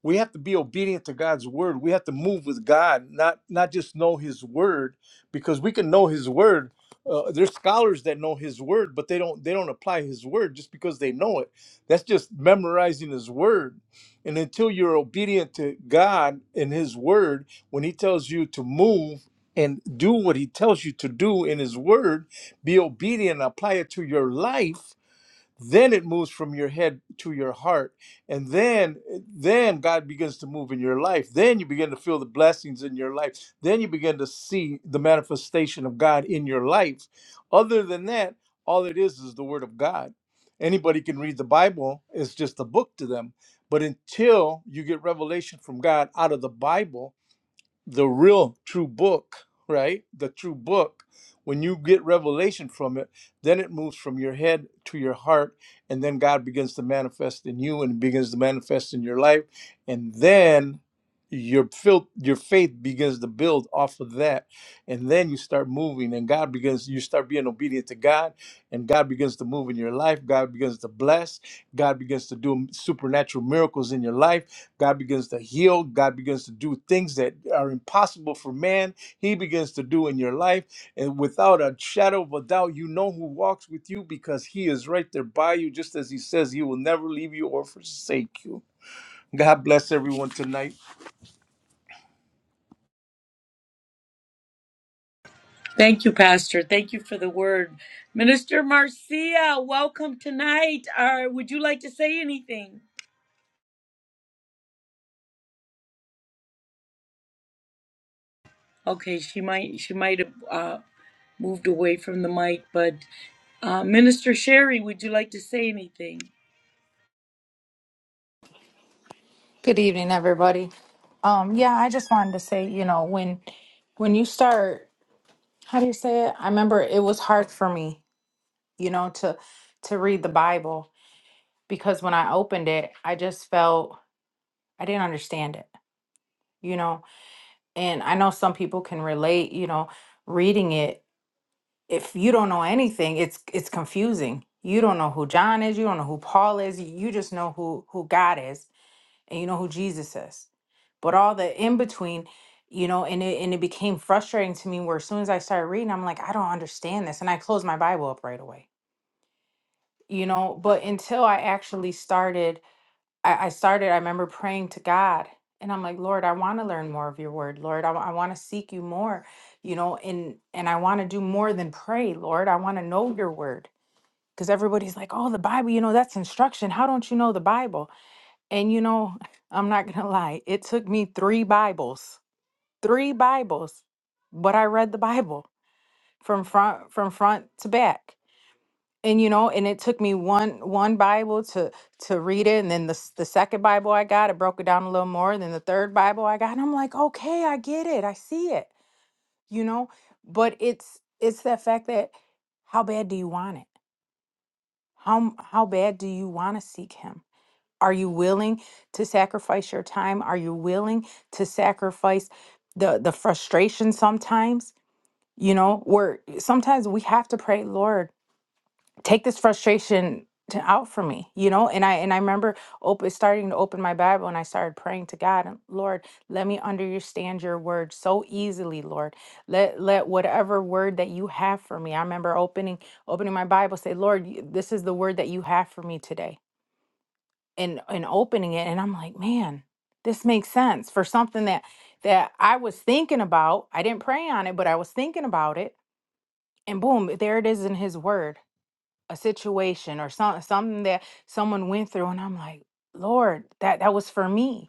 S2: we have to be obedient to God's word. We have to move with God, not not just know His word, because we can know His word. Uh, there's scholars that know His word, but they don't they don't apply His word just because they know it. That's just memorizing His word. And until you're obedient to God and His word, when He tells you to move and do what He tells you to do in His word, be obedient and apply it to your life then it moves from your head to your heart and then then god begins to move in your life then you begin to feel the blessings in your life then you begin to see the manifestation of god in your life other than that all it is is the word of god anybody can read the bible it's just a book to them but until you get revelation from god out of the bible the real true book, right? The true book, when you get revelation from it, then it moves from your head to your heart, and then God begins to manifest in you and begins to manifest in your life, and then your fil- your faith begins to build off of that and then you start moving and god begins you start being obedient to god and god begins to move in your life god begins to bless god begins to do supernatural miracles in your life God begins to heal. God begins to do things that are impossible for man. He begins to do in your life. And without a shadow of a doubt, you know who walks with you because he is right there by you, just as he says he will never leave you or forsake you. God bless everyone tonight.
S1: Thank you, Pastor. Thank you for the word. Minister Marcia, welcome tonight. Uh, would you like to say anything? Okay, she might she might have uh, moved away from the mic, but uh, Minister Sherry, would you like to say anything?
S3: Good evening, everybody. Um, yeah, I just wanted to say, you know, when when you start, how do you say it? I remember it was hard for me, you know, to to read the Bible because when I opened it, I just felt I didn't understand it, you know. And I know some people can relate, you know, reading it. If you don't know anything, it's it's confusing. You don't know who John is, you don't know who Paul is, you just know who who God is and you know who Jesus is. But all the in between, you know, and it and it became frustrating to me where as soon as I started reading, I'm like, I don't understand this. And I closed my Bible up right away. You know, but until I actually started, I, I started, I remember praying to God. And I'm like, Lord, I want to learn more of your word, Lord. I, I want to seek you more, you know, and and I want to do more than pray, Lord. I want to know your word. Because everybody's like, oh, the Bible, you know, that's instruction. How don't you know the Bible? And you know, I'm not going to lie, it took me three Bibles, three Bibles, but I read the Bible from front from front to back. And you know, and it took me one one Bible to to read it, and then the s- the second Bible I got, I broke it down a little more. Then the third Bible I got, and I'm like, okay, I get it, I see it, you know. But it's it's the fact that how bad do you want it? How m- how bad do you want to seek Him? Are you willing to sacrifice your time? Are you willing to sacrifice the the frustration sometimes? You know, where sometimes we have to pray, Lord, take this frustration to out for me, you know? And I and I remember open starting to open my Bible and I started praying to God, and, Lord, let me understand your word so easily, Lord. Let let whatever word that you have for me. I remember opening opening my Bible, say, Lord, you- this is the word that you have for me today and and opening it and I'm like, man, this makes sense for something that that I was thinking about. I didn't pray on it, but I was thinking about it and boom, there it is in his word, a situation or some, something that someone went through and I'm like, Lord, that that was for me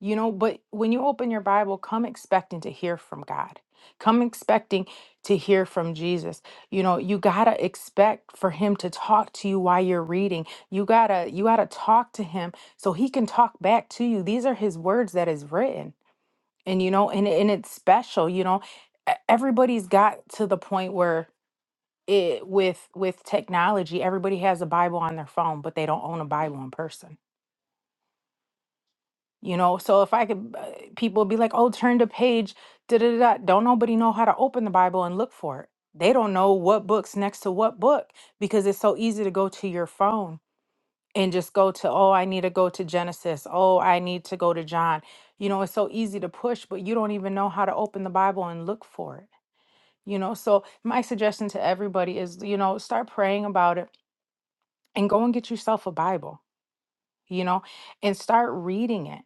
S3: you know, but when you open your Bible, come expecting to hear from God. Come expecting to hear from Jesus. You know, you got to expect for him to talk to you while you're reading. You got to you got to talk to him so he can talk back to you. These are his words that is written. And you know, and and it's special, you know. E- Everybody's got to the point where it with with technology, everybody has a Bible on their phone, but they don't own a Bible in person You know, so if I could, uh, people be like, "Oh, turn to page da da da." da." Don't nobody know how to open the Bible and look for it. They don't know what book's next to what book because it's so easy to go to your phone and just go to, "Oh, I need to go to Genesis. Oh, I need to go to John." You know, it's so easy to push, but you don't even know how to open the Bible and look for it. You know, so my suggestion to everybody is, you know, start praying about it and go and get yourself a Bible you know, and start reading it.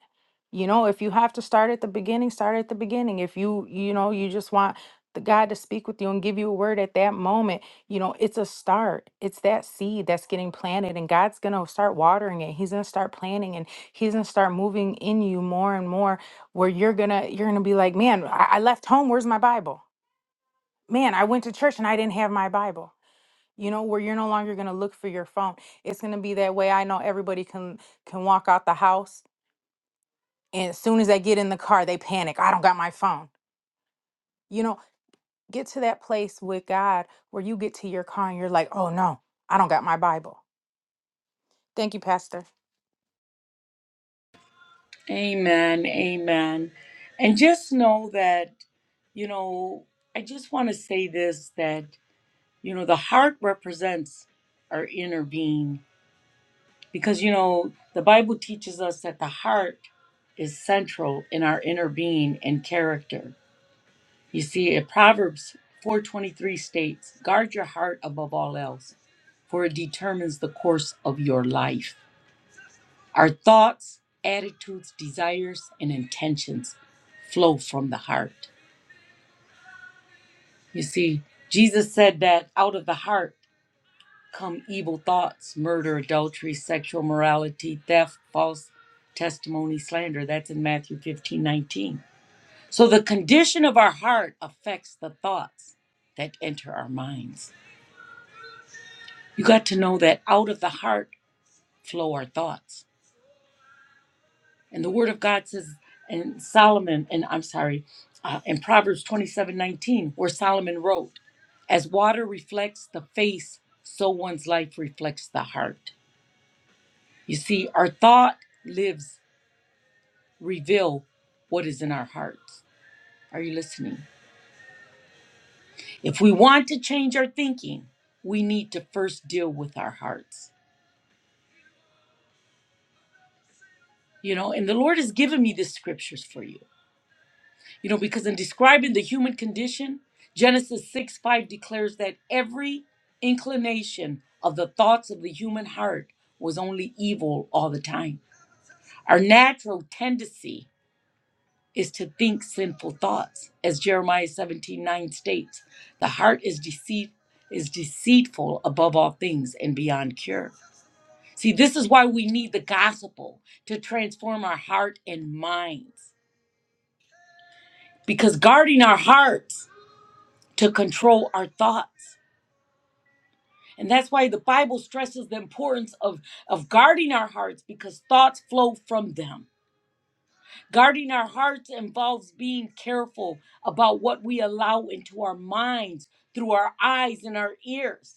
S3: You know, if you have to start at the beginning, start at the beginning. If you, you know, you just want the God to speak with you and give you a word at that moment, you know, it's a start. It's that seed that's getting planted, and God's going to start watering it. He's going to start planting and he's going to start moving in you more and more where you're going to, you're going to be like, man, I, I left home. Where's my Bible? Man, I went to church and I didn't have my Bible you know where you're no longer going to look for your phone it's going to be that way i know everybody can can walk out the house and as soon as they get in the car they panic i don't got my phone you know get to that place with god where you get to your car and you're like oh no i don't got my bible thank you pastor
S1: Amen, amen. And just know that, you know, I just want to say this that. You know, the heart represents our inner being because, you know, the Bible teaches us that the heart is central in our inner being and character. You see, in Proverbs 4:23 states, "Guard your heart above all else, for it determines the course of your life. Our thoughts, attitudes, desires, and intentions flow from the heart." You see, Jesus said that out of the heart come evil thoughts, murder, adultery, sexual morality, theft, false testimony, slander. That's in Matthew 15 19. So the condition of our heart affects the thoughts that enter our minds. You got to know that out of the heart flow our thoughts. And the word of God says, and Solomon, and I'm sorry, uh, in Proverbs 27 19, where Solomon wrote, As water reflects the face, so one's life reflects the heart. You see, our thought lives reveal what is in our hearts. Are you listening? If we want to change our thinking, we need to first deal with our hearts. You know, and the Lord has given me the scriptures for you. You know, because in describing the human condition, Genesis 6 5 declares that every inclination of the thoughts of the human heart was only evil all the time. Our natural tendency is to think sinful thoughts. As Jeremiah 17 9 states, the heart is deceit is deceitful above all things and beyond cure. See, this is why we need the gospel to transform our heart and minds. Because guarding our hearts to control our thoughts. And that's why the Bible stresses the importance of, of guarding our hearts because thoughts flow from them. Guarding our hearts involves being careful about what we allow into our minds through our eyes and our ears.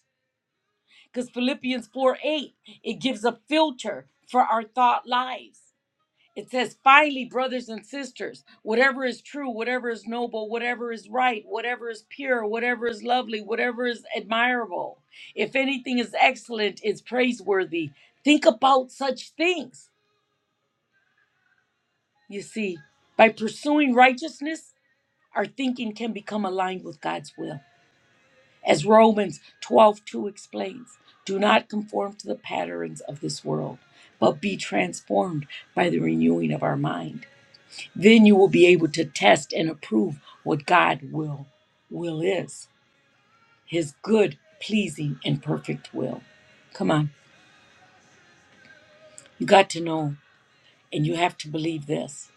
S1: Because Philippians 4 8, it gives a filter for our thought lives. It says, finally, brothers and sisters, whatever is true, whatever is noble, whatever is right, whatever is pure, whatever is lovely, whatever is admirable, if anything is excellent, is praiseworthy, think about such things. You see, by pursuing righteousness, Our thinking can become aligned with God's will. As Romans 12:2 explains, do not conform to the patterns of this world, but be transformed by the renewing of our mind. Then you will be able to test and approve what God will will is, his good, pleasing, and perfect will. Come on, you got to know and you have to believe this.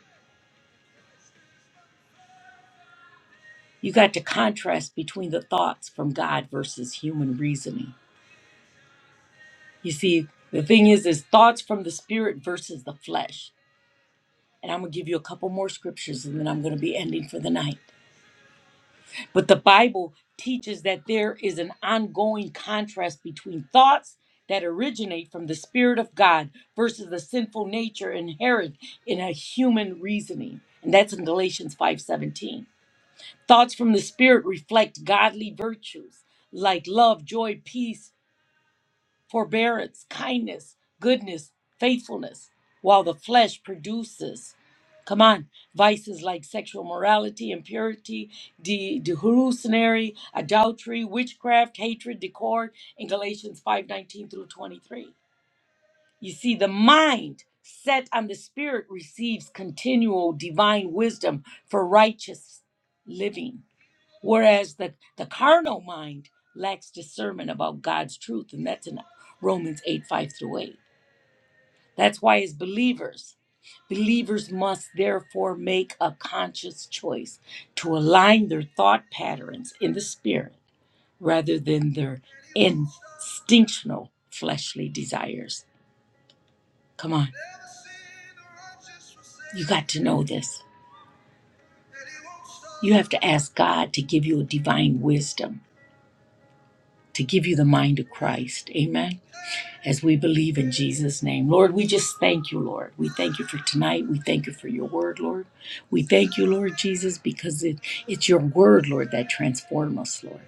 S1: You got to contrast between the thoughts from God versus human reasoning You see, the thing is, is thoughts from the spirit versus the flesh. And I'm going to give you a couple more scriptures and then I'm going to be ending for the night. But the Bible teaches that there is an ongoing contrast between thoughts that originate from the spirit of God versus the sinful nature inherent in a human reasoning. And that's in Galatians 5:17. Thoughts from the spirit reflect godly virtues like love, joy, peace, forbearance, kindness, goodness, faithfulness, while the flesh produces, come on, vices like sexual morality, impurity, de- hallucinatory, adultery, witchcraft, hatred, discord, in Galatians 5:19 through 23. You see, the mind set on the spirit receives continual divine wisdom for righteous living Whereas the, the carnal mind lacks discernment about God's truth, and that's in Romans 8 5 through 8. That's why, as believers, believers must therefore make a conscious choice to align their thought patterns in the spirit rather than their instinctual fleshly desires. Come on. You got to know this. You have to ask God to give you a divine wisdom to give you the mind of Christ. Amen. As we believe in Jesus' name. Lord, we just thank you, Lord. We thank you for tonight. We thank you for your word, Lord. We thank you, Lord Jesus, because it, it's your word, Lord, that transforms us, Lord.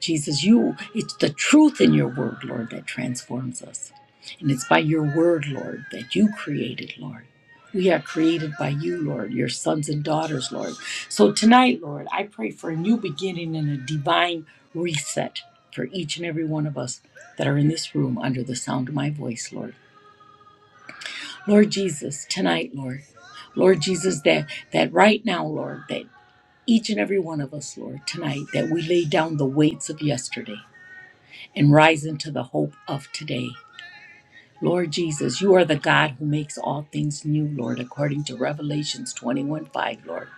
S1: Jesus, you, it's the truth in your word, Lord, that transforms us. And it's by your word, Lord, that you created, Lord. We are created by you, Lord, your sons and daughters, Lord. So tonight, Lord, I pray for a new beginning and a divine reset for each and every one of us that are in this room under the sound of my voice, Lord. Lord Jesus, tonight, Lord. Lord Jesus, that that right now, Lord, that each and every one of us, Lord, tonight, that we lay down the weights of yesterday and rise into the hope of today. Lord Jesus, you are the God who makes all things new, Lord, according to Revelations 21 5, Lord.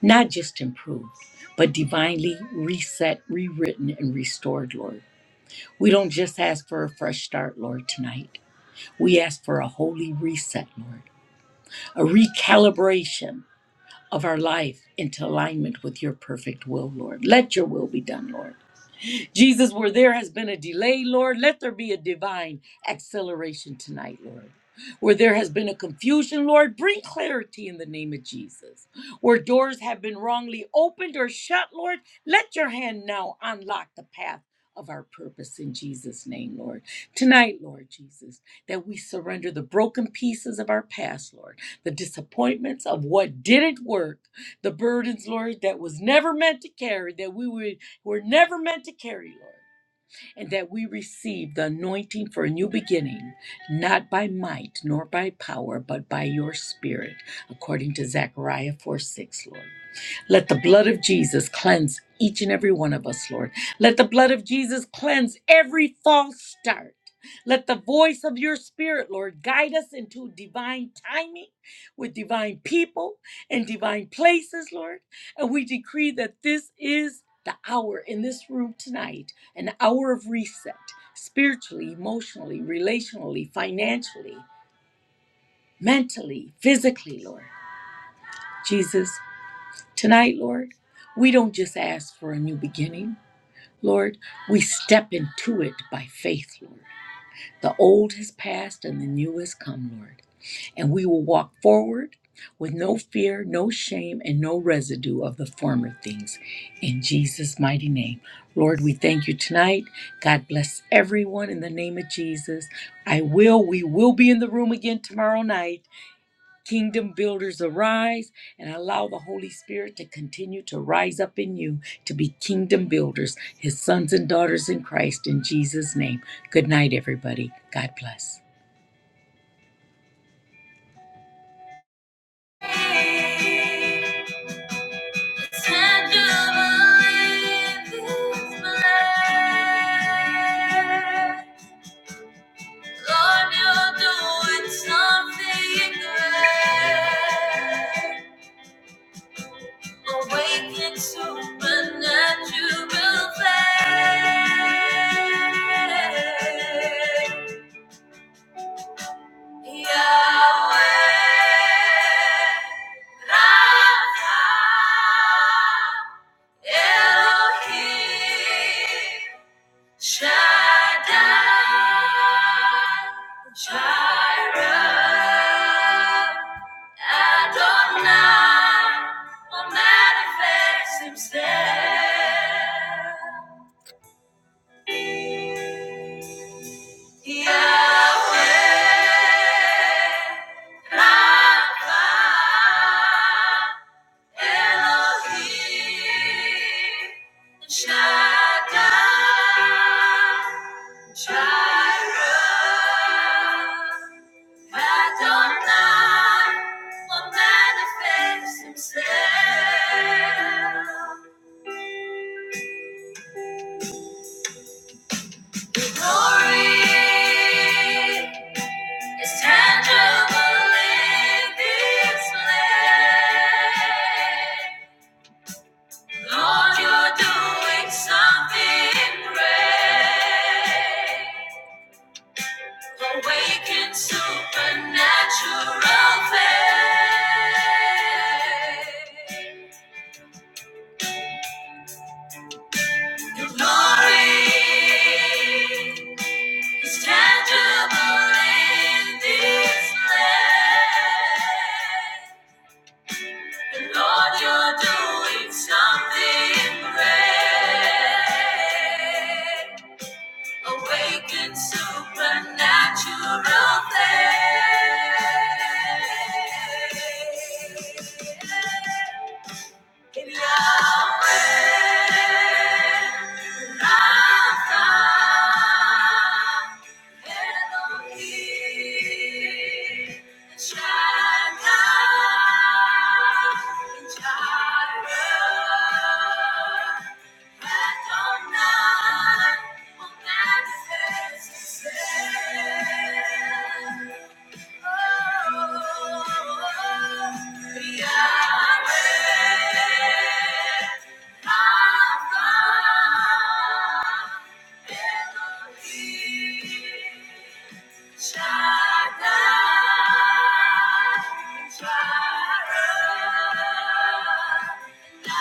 S1: Not just improved, but divinely reset, rewritten, and restored, Lord. We don't just ask for a fresh start, Lord, tonight. We ask for a holy reset, Lord, a recalibration of our life into alignment with your perfect will, Lord. Let your will be done, Lord. Jesus, where there has been a delay, Lord, let there be a divine acceleration tonight, Lord. Where there has been a confusion, Lord, bring clarity in the name of Jesus. Where doors have been wrongly opened or shut, Lord, let your hand now unlock the path of our purpose in Jesus' name, Lord. Tonight, Lord Jesus, that we surrender the broken pieces of our past, Lord, the disappointments of what didn't work the burdens, Lord, that was never meant to carry, that we would, were never meant to carry, Lord. And that we receive the anointing for a new beginning, not by might nor by power, but by your spirit, according to Zechariah 4 6, Lord. Let the blood of Jesus cleanse each and every one of us, Lord. Let the blood of Jesus cleanse every false start. Let the voice of your spirit, Lord, guide us into divine timing with divine people and divine places, Lord. And we decree that this is the hour in this room tonight, an hour of reset, spiritually, emotionally, relationally, financially, mentally, physically, Lord. Jesus, Tonight, Lord, we don't just ask for a new beginning. Lord, we step into it by faith, Lord. The old has passed and the new has come, Lord. And we will walk forward with no fear, no shame, and no residue of the former things. In Jesus' mighty name. Lord, we thank you tonight. God bless everyone in the name of Jesus. I will, we will be in the room again tomorrow night. Kingdom builders arise and allow the Holy Spirit to continue to rise up in you to be kingdom builders, his sons and daughters in Christ, in Jesus' name. Good night, everybody. God bless. It's time to believe his word. Lord, you're doing something great. Awaken supernatural faith. Yahweh, Rapha, Elohim, Shaddai, Jireh. Adonai will manifest himself. Yahweh, Rapha, Elohim, Shaddai, Jireh, Adonai will manifest himself. Glory is tangible in this land. Lord, you're doing something great. Awaken supernatural faith. Your glory is tangible in this place. And Lord, you're doing something great. Awaken supernatural things. Thank you. Shaddai, Jireh, Thank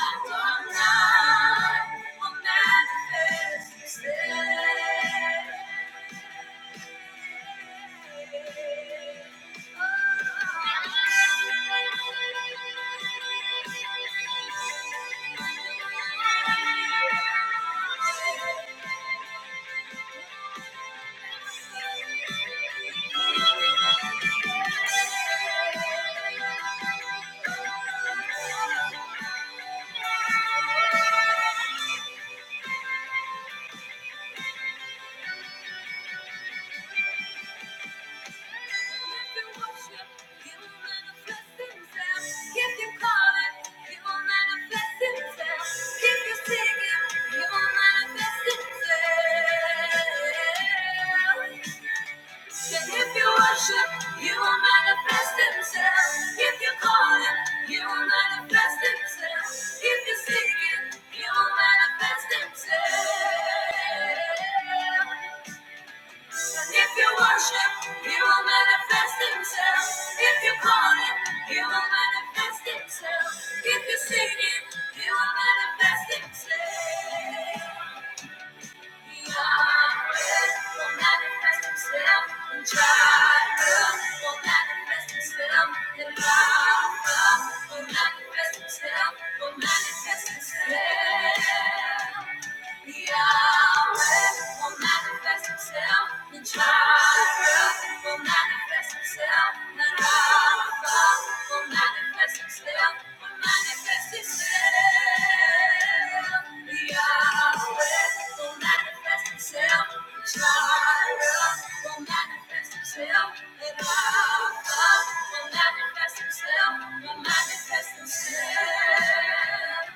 S1: you. Thank you. If you worship, you will manifest himself. If you call him, you will manifest himself. If you seek him, you will manifest himself. If you worship, he will manifest himself. If you call him, he will manifest himself. If you seek him, he will manifest himself. Yahweh will manifest himself. And Jireh will manifest himself. And Rapha will manifest himself. Will manifest himself. Yahweh will manifest himself in Jireh will manifest himself and Rapha will manifest himself will manifest himself Yahweh will manifest himself in Jireh will manifest himself and Rapha will manifest himself will manifest himself